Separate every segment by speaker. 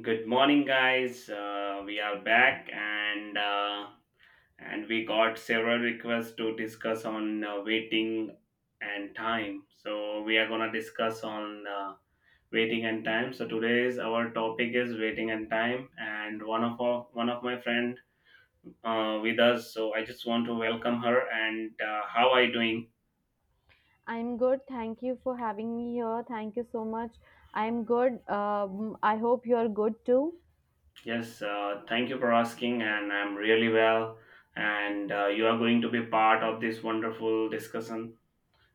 Speaker 1: Good morning, guys. We are back, and and we got several requests to discuss on waiting and time. So we are gonna discuss on waiting and time. So today's our topic is waiting and time, and one of my friend with us. So I just want to welcome her. And how are you doing?
Speaker 2: I'm good. Thank you for having me here. Thank you so much. I'm good. I hope you're good too.
Speaker 1: Yes, thank you for asking, and I'm really well. And you are going to be part of this wonderful discussion.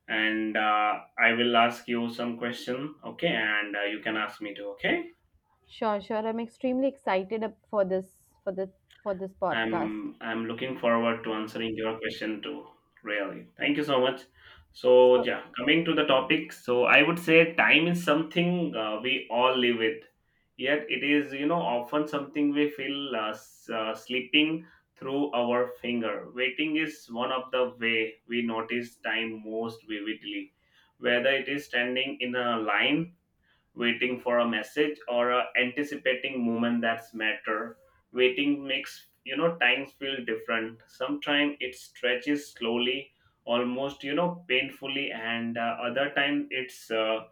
Speaker 1: And I will ask you some question. Okay, and you can ask me too. Okay,
Speaker 2: Sure, sure. I'm extremely excited up for this for the for this podcast.
Speaker 1: I'm looking forward to answering your question too. Really, thank you so much. So
Speaker 2: So
Speaker 1: yeah, coming to the topic. So I would say time is something we all live with. Yet it is often something we feel sleeping through our finger. Waiting is one of the way we notice time most vividly. Whether it is standing in a line, waiting for a message or a anticipating moment that's matter, waiting makes times feel different. Sometimes it stretches slowly, almost painfully, and other time it's uh,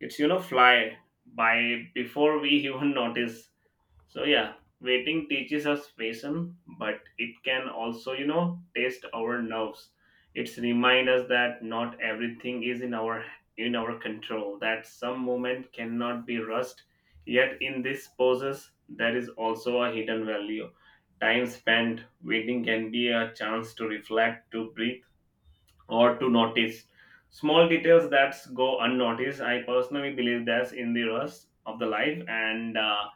Speaker 1: it's fly by before we even notice. So yeah, waiting teaches us patience, but it can also, test our nerves. It's remind us that not everything is in our control, that some moment cannot be rushed. Yet in this pauses, there is also a hidden value. Time spent waiting can be a chance to reflect, to breathe, or to notice small details that go unnoticed. I personally believe that's in the rush of the life, and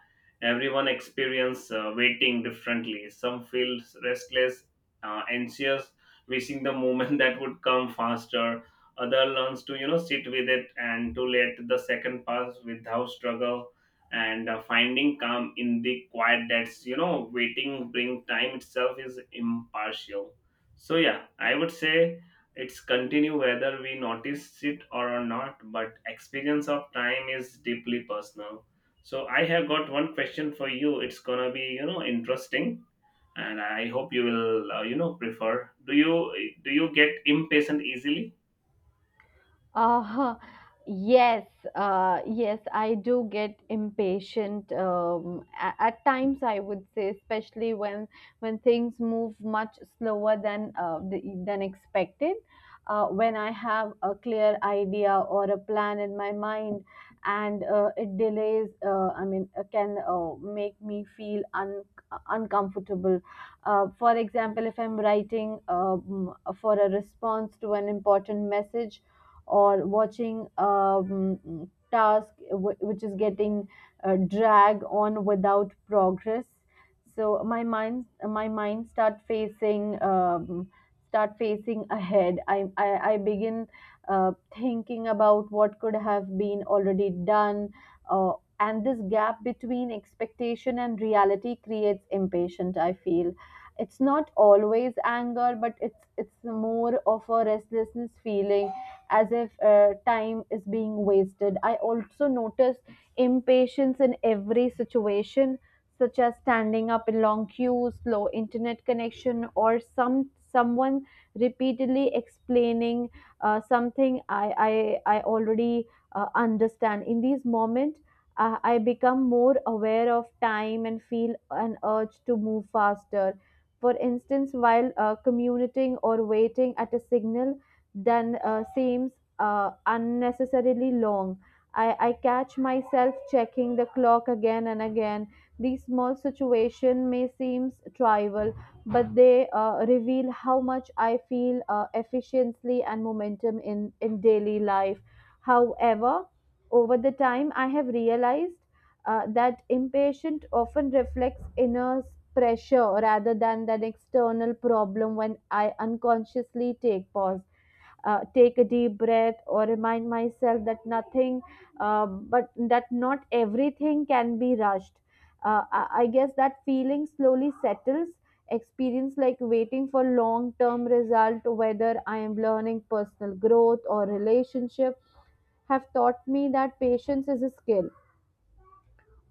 Speaker 1: everyone experience waiting differently. Some feel restless, anxious, wishing the moment that would come faster. Other learns to sit with it and to let the second pass without struggle. And finding calm in the quiet that's waiting bring, time itself is impartial. So yeah, I would say it's continue whether we notice it or not, but experience of time is deeply personal. So I have got one question for you. It's gonna be interesting, and I hope you will prefer. Do you get impatient easily?
Speaker 2: Uh, yes, yes, I do get impatient at, times, I would say, especially when things move much slower than than expected. When I have a clear idea or a plan in my mind, and it delays, can make me feel uncomfortable. For example, if I'm writing for a response to an important message or watching task which is getting drag on without progress. So my mind start facing ahead. I begin thinking about what could have been already done, uh, and this gap between expectation and reality creates impatient, I feel. It's not always anger, but it's more of a restlessness feeling as if time is being wasted. I also notice impatience in every situation, such as standing up in long queues, slow internet connection, or someone repeatedly explaining something I already understand. In these moments, I become more aware of time and feel an urge to move faster. For instance, while commuting or waiting at a signal, then seems unnecessarily long. I catch myself checking the clock again and again. These small situations may seem trivial, but they reveal how much I feel efficiency and momentum in daily life. However, over the time, I have realized that impatient often reflects inner pressure rather than an external problem. When I unconsciously take pause, take a deep breath or remind myself that nothing but that not everything can be rushed, I guess that feeling slowly settles. Experience like waiting for long term result, whether I am learning personal growth or relationship, have taught me that patience is a skill.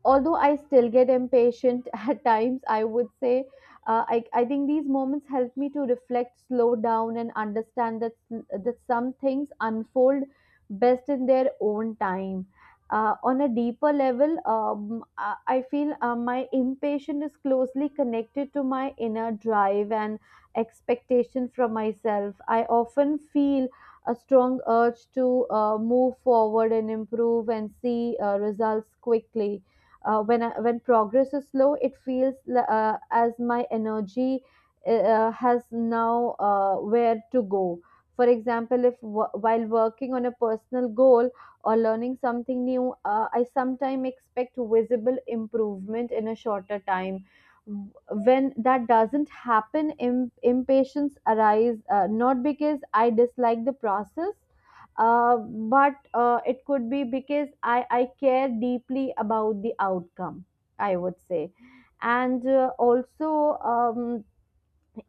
Speaker 2: Although I still get impatient at times, I would say I think these moments help me to reflect, slow down, and understand that some things unfold best in their own time. On a deeper level, I feel my impatience is closely connected to my inner drive and expectation from myself. I often feel a strong urge to move forward and improve and see results quickly. When progress is slow, it feels as my energy has now where to go. For example, if w- while working on a personal goal or learning something new, I sometimes expect visible improvement in a shorter time. When that doesn't happen, impatience arise, not because I dislike the process, but it could be because I care deeply about the outcome, I would say. And also,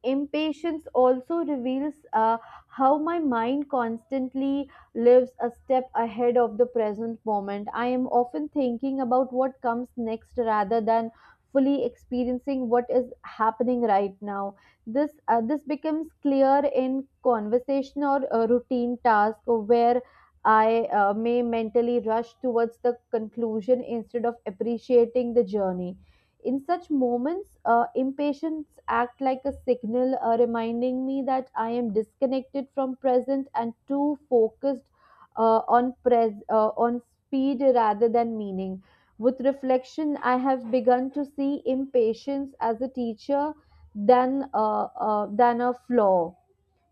Speaker 2: impatience also reveals how my mind constantly lives a step ahead of the present moment. I am often thinking about what comes next rather than fully experiencing what is happening right now. This becomes clear in conversation or routine task, where I may mentally rush towards the conclusion instead of appreciating the journey. In such moments, impatience act like a signal, reminding me that I am disconnected from present and too focused on speed rather than meaning. With reflection, I have begun to see impatience as a teacher than a flaw.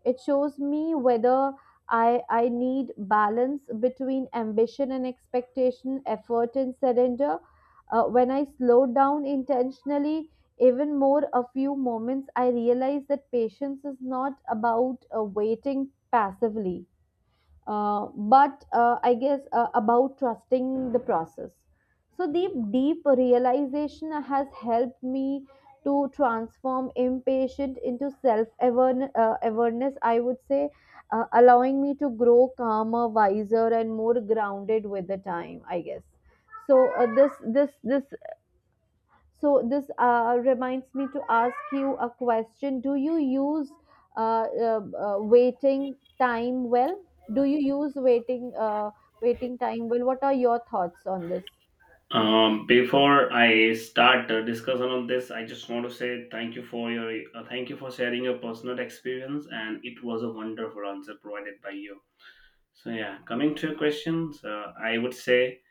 Speaker 2: It shows me whether I need balance between ambition and expectation, effort and surrender. When I slow down intentionally, even more a few moments, I realize that patience is not about waiting passively, but I guess about trusting the process. So the deep realization has helped me to transform impatient into self awareness, I would say, allowing me to grow calmer, wiser, and more grounded with the time, I guess. So this reminds me to ask you a question. Do you use waiting time well? Do you use waiting waiting time well? What are your thoughts on this?
Speaker 1: Before I start discussion on this, I just want to say thank you for sharing your personal experience, and it was a wonderful answer provided by you. So yeah, coming to your questions, I would say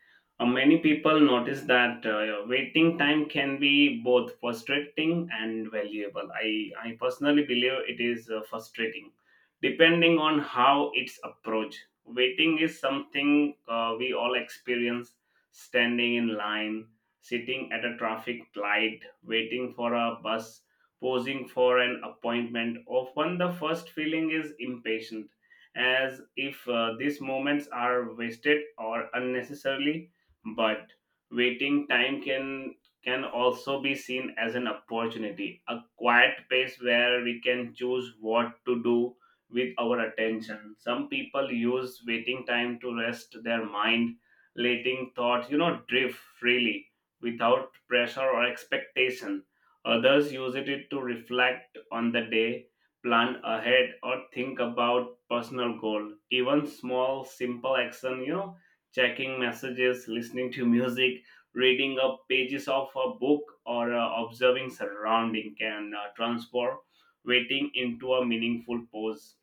Speaker 1: many people notice that waiting time can be both frustrating and valuable. I personally believe it is frustrating, depending on how it's approached. Waiting is something we all experience: standing in line, sitting at a traffic light, waiting for a bus, posing for an appointment. Often, the first feeling is impatience, as if these moments are wasted or unnecessarily. But waiting time can also be seen as an opportunity, a quiet place where we can choose what to do with our attention. Some people use waiting time to rest their mind, letting thoughts drift freely without pressure or expectation. Others use it to reflect on the day, plan ahead, or think about personal goal. Even small simple action, checking messages, listening to music, reading up pages of a book, or observing surrounding can transform waiting into a meaningful pause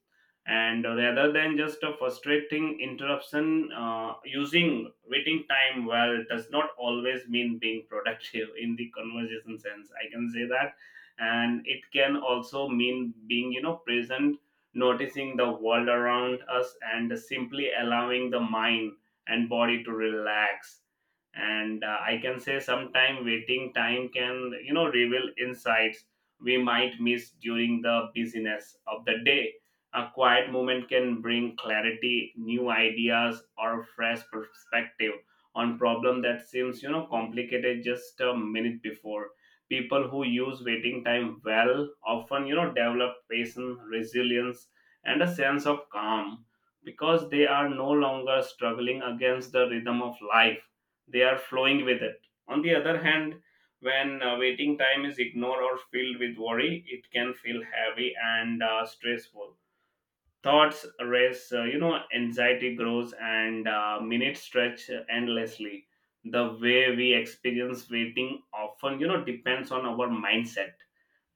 Speaker 1: and rather than just a frustrating interruption. Uh, using waiting time well does not always mean being productive in the conversation sense, I can say that. And it can also mean being present, noticing the world around us and simply allowing the mind and body to relax. And I can say sometime waiting time can reveal insights we might miss during the busyness of the day. A quiet moment can bring clarity, new ideas, or fresh perspective on problem that seems complicated just a minute before. People who use waiting time well often develop patience, resilience, and a sense of calm, because they are no longer struggling against the rhythm of life. They are flowing with it. On the other hand, when waiting time is ignored or filled with worry, it can feel heavy and stressful. Thoughts race, anxiety grows, and minutes stretch endlessly. The way we experience waiting often depends on our mindset.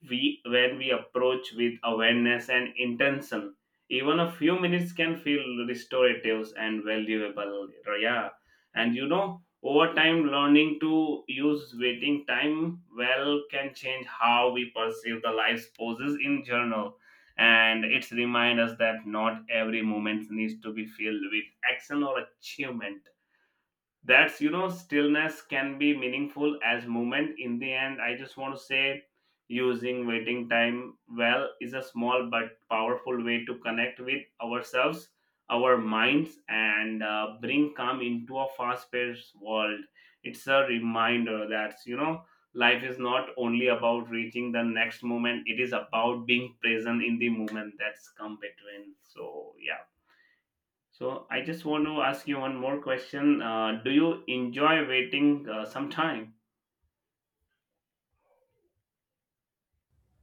Speaker 1: We When we approach with awareness and intention, even a few minutes can feel restorative and valuable. Yeah. And over time, learning to use waiting time well can change how we perceive the life's poses in general, and it's remind us that not every moment needs to be filled with action or achievement, that's stillness can be meaningful as movement. In the end, I just want to say using waiting time well is a small but powerful way to connect with ourselves, our minds, and bring calm into a fast paced world. It's a reminder that life is not only about reaching the next moment, it is about being present in the moment that's come between. So yeah, so I just want to ask you one more question. Do you enjoy waiting some time?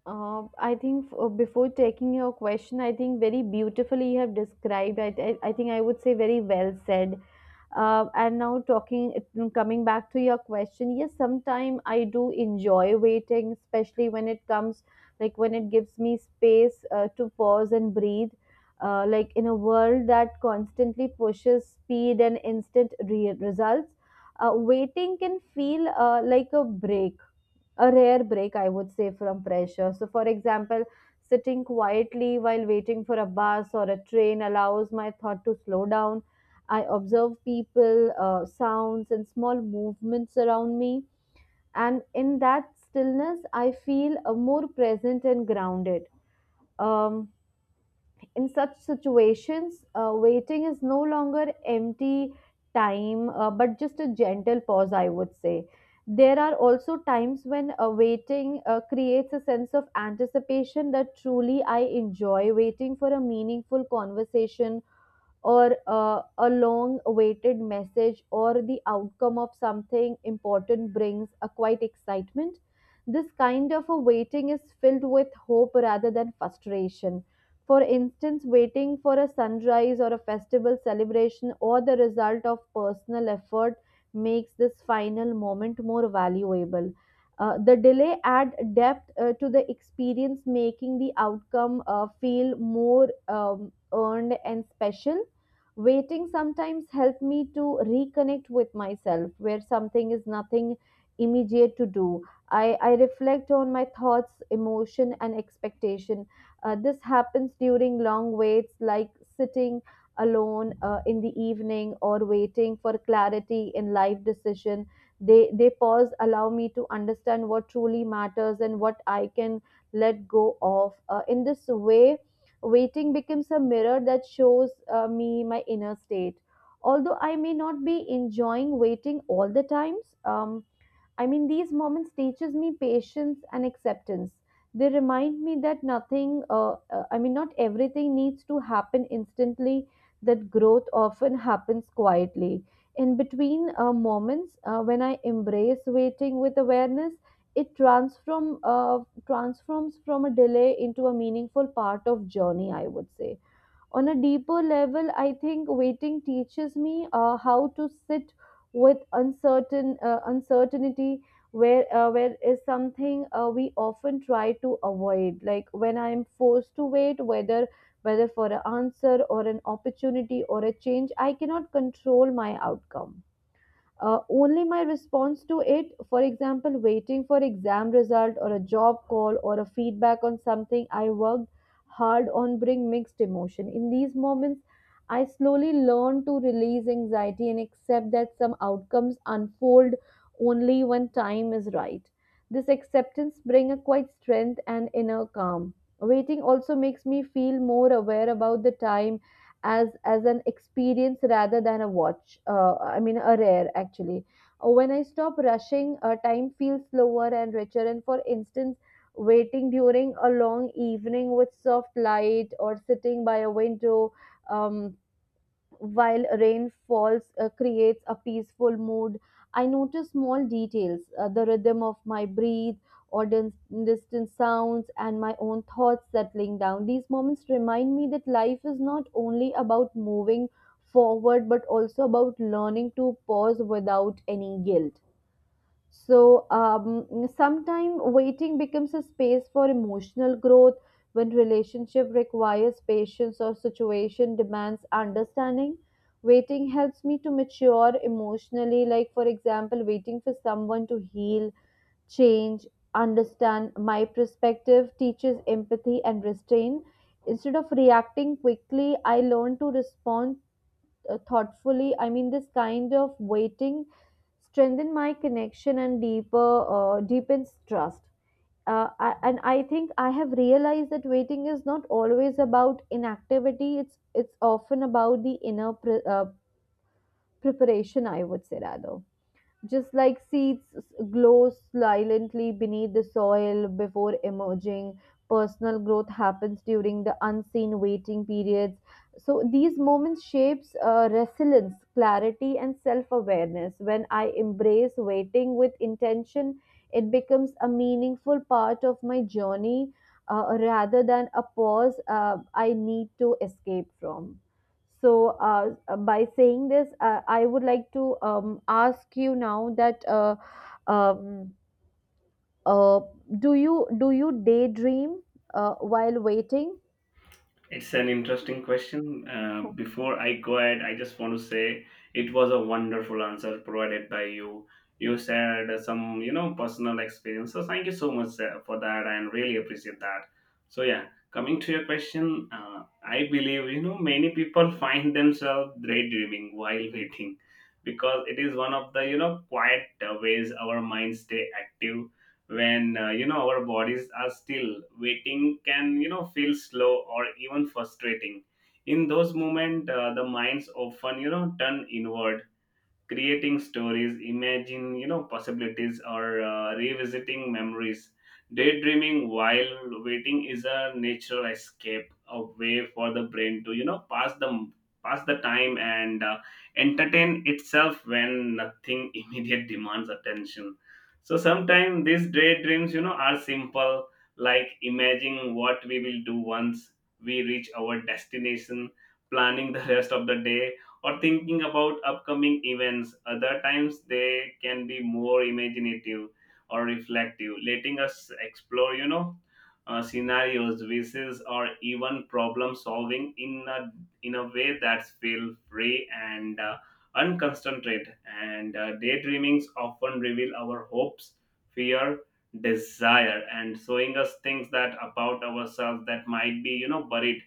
Speaker 2: Before taking your question, I think very beautifully you have described. I think I would say very well said. And now talking, mm, coming back to your question, yes, sometimes I do enjoy waiting, especially when it comes, like when it gives me space to pause and breathe. Like in a world that constantly pushes speed and instant results, waiting can feel like a break, a rare break, I would say, from pressure. So, for example, sitting quietly while waiting for a bus or a train allows my thought to slow down. I observe people, sounds, and small movements around me. And in that stillness, I feel more present and grounded. Um, in such situations, waiting is no longer empty time, but just a gentle pause, I would say. There are also times when waiting creates a sense of anticipation that truly I enjoy. Waiting for a meaningful conversation or a long awaited message or the outcome of something important brings a quiet excitement. This kind of a waiting is filled with hope rather than frustration. For instance, waiting for a sunrise or a festival celebration or the result of personal effort makes this final moment more valuable. The delay adds depth to the experience, making the outcome feel more earned and special. Waiting sometimes helps me to reconnect with myself where something is nothing immediate to do. I reflect on my thoughts, emotion, and expectation. This happens during long waits, like sitting alone in the evening or waiting for clarity in life decision. They pause, allow me to understand what truly matters and what I can let go of. In this way, waiting becomes a mirror that shows me my inner state. Although I may not be enjoying waiting all the times, I mean, these moments teaches me patience and acceptance. They remind me that nothing, I mean, not everything needs to happen instantly. That growth often happens quietly. In between moments, when I embrace waiting with awareness, it transforms from a delay into a meaningful part of journey, I would say. On a deeper level, I think waiting teaches me how to sit with uncertainty, where is something we often try to avoid. Like when I am forced to wait, whether for an answer or an opportunity or a change, I cannot control my outcome, only my response to it. For example, waiting for exam result or a job call or a feedback on something I worked hard on bring mixed emotion. In these moments, I slowly learn to release anxiety and accept that some outcomes unfold only when time is right. This acceptance bring a quiet strength and inner calm. Waiting also makes me feel more aware about the time as an experience rather than a watch, I mean a rare actually. When I stop rushing, time feels slower and richer. And for instance, waiting during a long evening with soft light or sitting by a window, um, while rain falls creates a peaceful mood. I notice small details, the rhythm of my breathe or distant sounds and my own thoughts settling down. These moments remind me that life is not only about moving forward but also about learning to pause without any guilt. So sometimes waiting becomes a space for emotional growth. When relationship requires patience or situation demands understanding, waiting helps me to mature emotionally, like for example, waiting for someone to heal, change, understand my perspective, teaches empathy and restraint. Instead of reacting quickly, I learn to respond thoughtfully. I mean, this kind of waiting strengthen my connection and deeper deepens trust. And I think I have realized that waiting is not always about inactivity. It's often about the inner preparation, I would say. Rather, just like seeds glow silently beneath the soil before emerging, personal growth happens during the unseen waiting periods. So these moments shapes resilience, clarity and self-awareness. When I embrace waiting with intention, it becomes a meaningful part of my journey, rather than a pause I need to escape from. So, by saying this, I would like to ask you now that um, uh, do you daydream while waiting?
Speaker 1: It's an interesting question. Before I go ahead, I just want to say it was a wonderful answer provided by you. You shared some, personal experience. So thank you so much for that, and really appreciate that. So yeah, coming to your question, I believe many people find themselves daydreaming while waiting, because it is one of the quiet ways our minds stay active. When our bodies are still, waiting can feel slow or even frustrating. In those moments, the minds often turn inward, creating stories, imagine possibilities, or revisiting memories. Daydreaming while waiting is a natural escape, a way for the brain to pass the time and entertain itself when nothing immediate demands attention. So sometimes these daydreams are simple, like imagining what we will do once we reach our destination, planning the rest of the day, or thinking about upcoming events. Other times they can be more imaginative or reflective, letting us explore, scenarios, wishes, or even problem solving in a way that feel free and unconcentrated. And daydreamings often reveal our hopes, fear, desire, and showing us things that about ourselves that might be buried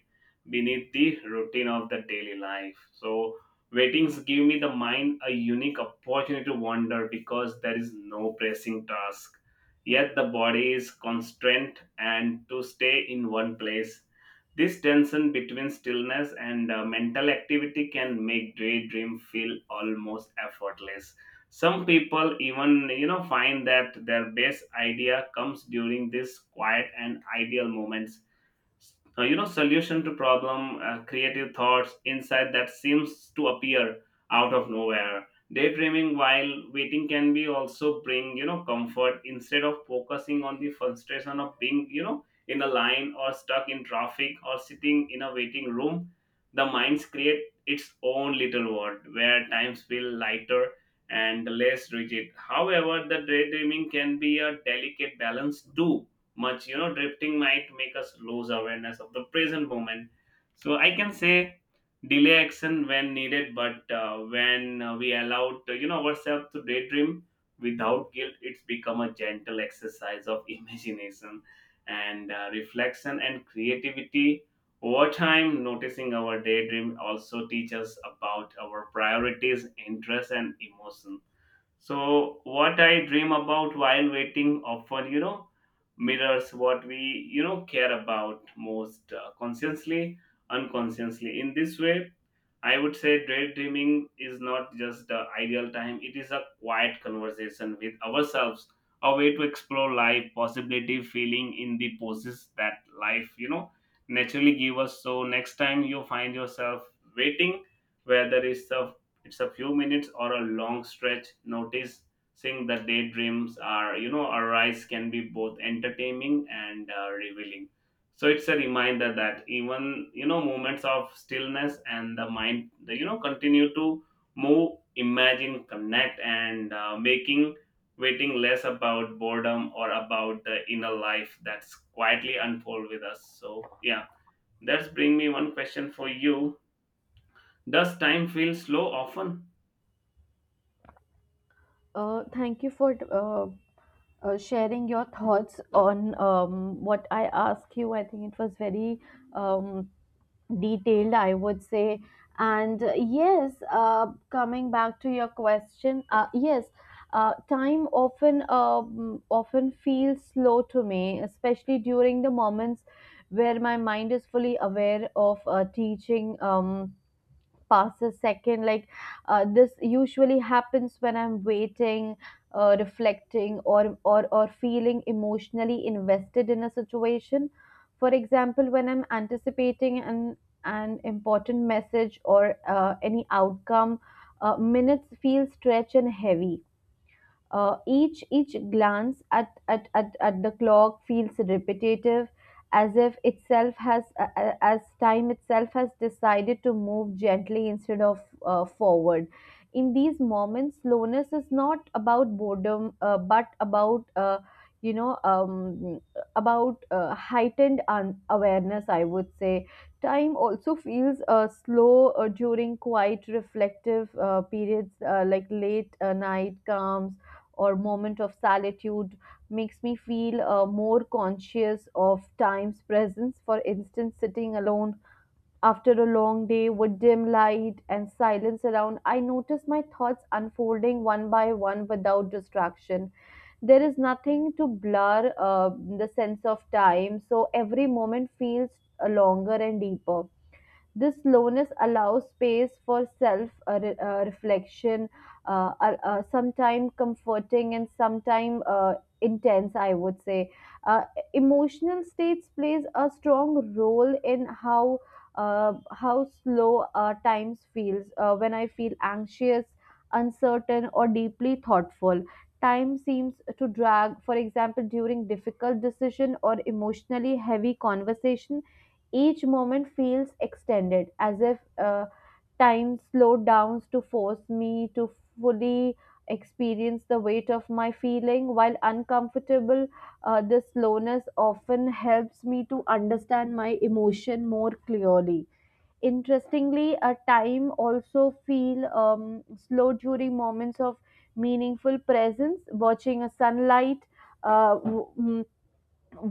Speaker 1: beneath the routine of the daily life. So weddings give me the mind a unique opportunity to wander because there is no pressing task. Yet the body is constrained and to stay in one place. This tension between stillness and mental activity can make daydream feel almost effortless. Some people even find that their best idea comes during this quiet and ideal moments, solution to problem, creative thoughts, insight that seems to appear out of nowhere. Daydreaming while waiting can be also bring comfort instead of focusing on the frustration of being in a line or stuck in traffic or sitting in a waiting room. The minds create its own little world where times feel lighter and less rigid. However, the daydreaming can be a delicate balance. Too much, drifting might make us lose awareness of the present moment. So I can say delay action when needed, but when we allow ourselves to daydream without guilt, it's become a gentle exercise of imagination and reflection and creativity. Over time, noticing our daydream also teaches us about our priorities, interests, and emotions. So what I dream about while waiting often, mirrors what we, care about most consciously, unconsciously. In this way, I would say daydreaming is not just the ideal time, it is a quiet conversation with ourselves, a way to explore life, possibility, feeling in the poses that life, naturally give us. So next time you find yourself waiting, whether it's a few minutes or a long stretch, notice seeing the daydreams are, arise can be both entertaining and revealing. So it's a reminder that even moments of stillness and the mind the you know continue to move, imagine, connect, and making waiting less about boredom or about the inner life that's quietly unfold with us. So yeah, that's bring me one question for you. Does time feel slow often?
Speaker 2: Thank you for sharing your thoughts on what I asked you. I think it was very um, detailed, I would say. And yes, coming back to your question, yes, time often often feels slow to me, especially during the moments where my mind is fully aware of teaching. Pass a second like this usually happens when I'm waiting, reflecting, or feeling emotionally invested in a situation. For example, when I'm anticipating an important message or any outcome, minutes feel stretch and heavy. Each glance at the clock feels repetitive, as if itself has as time itself has decided to move gently instead of forward. In these moments, slowness is not about boredom, but about, you know um, about heightened awareness, I would say. Time also feels slow during quiet reflective periods, like late night calms or moment of solitude, makes me feel more conscious of time's presence. For instance, sitting alone after a long day with dim light and silence around, I notice my thoughts unfolding one by one without distraction. There is nothing to blur the sense of time, so every moment feels longer and deeper. This slowness allows space for self reflection, sometimes comforting and sometimes intense, I would say. Uh, Emotional states plays a strong role in how slow times feels. When I feel anxious, uncertain or deeply thoughtful, time seems to drag. For example, during difficult decision or emotionally heavy conversation, each moment feels extended, as if time slowed down to force me to fully experience the weight of my feeling. While uncomfortable, this slowness often helps me to understand my emotion more clearly. Interestingly, a time also feel slow during moments of meaningful presence. Watching a sunlight, uh, w- mm,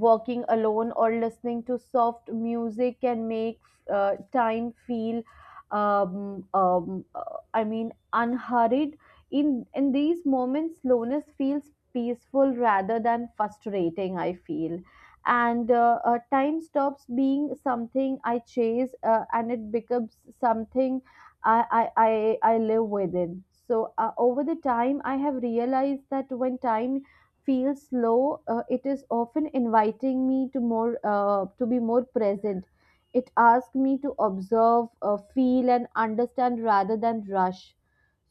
Speaker 2: walking alone or listening to soft music can make time feel unhurried. In these moments, slowness feels peaceful rather than frustrating, I feel, and time stops being something I chase, and it becomes something I live within. So over the time I have realized that when time feels low, it is often inviting me to more to be more present. It asks me to observe, feel, and understand rather than rush.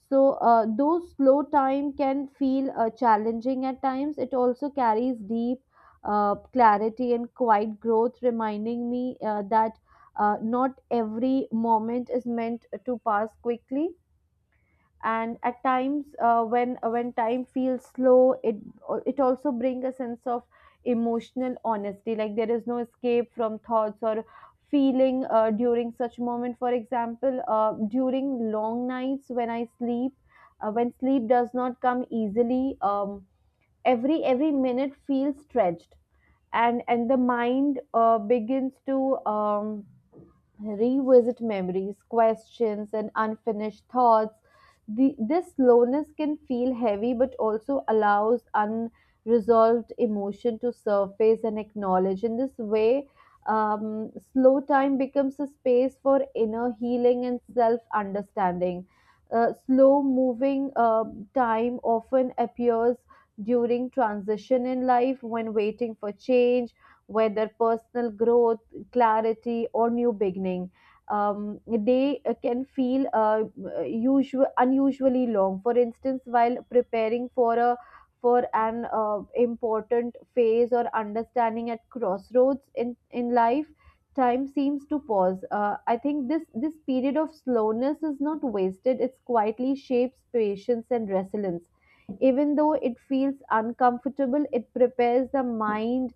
Speaker 2: So though slow time can feel challenging at times, it also carries deep clarity and quiet growth, reminding me that not every moment is meant to pass quickly. And at times, when time feels slow, it also brings a sense of emotional honesty, like there is no escape from thoughts or feeling during such moment. For example, during long nights when I sleep, when sleep does not come easily, every minute feels stretched, and the mind begins to revisit memories, questions and unfinished thoughts. This slowness can feel heavy but also allows unresolved emotion to surface and acknowledge. In this way, slow time becomes a space for inner healing and self understanding. Slow moving time often appears during transition in life, when waiting for change, whether personal growth, clarity, or new beginning. They can feel usual, unusually long. For instance, while preparing for a for an important phase or understanding at crossroads in life, time seems to pause. I think this this period of slowness is not wasted. It's quietly shapes patience and resilience. Even though it feels uncomfortable, it prepares the mind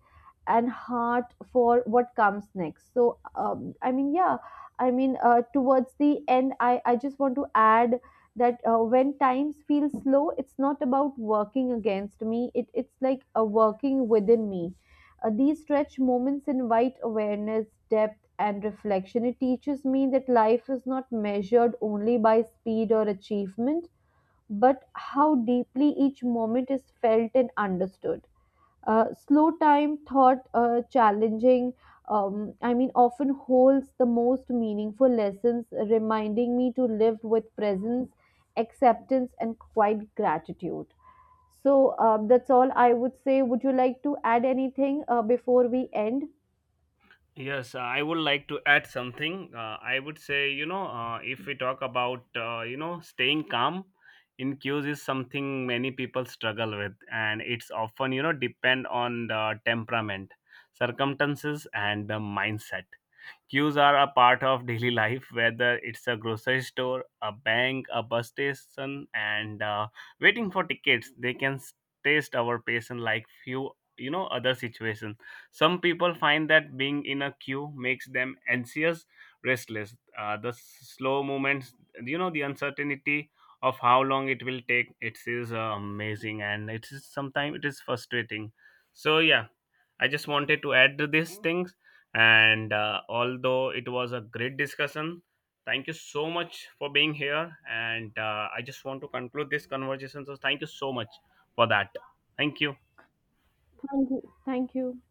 Speaker 2: and heart for what comes next. So yeah, towards the end, I just want to add that when times feel slow, it's not about working against me, it's like a working within me. These stretch moments invite awareness, depth and reflection. It teaches me that life is not measured only by speed or achievement, but how deeply each moment is felt and understood. Slow time thought challenging, I mean, often holds the most meaningful lessons, reminding me to live with presence, acceptance, and quiet gratitude. So that's all I would say. Would you like to add anything before we end?
Speaker 1: Yes, I would like to add something. I would say, if we talk about, staying calm in queues is something many people struggle with, and it's often, depend on the temperament, circumstances, and the mindset. Queues are a part of daily life, whether it's a grocery store, a bank, a bus station, and waiting for tickets. They can taste our patience like few other situations. Some people find that being in a queue makes them anxious, restless. The slow movements, the uncertainty of how long it will take. It is amazing, and it is sometimes it is frustrating. So yeah, I just wanted to add to these things, and although it was a great discussion, thank you so much for being here. And I just want to conclude this conversation. So, thank you so much for that. Thank you.
Speaker 2: Thank you. Thank you.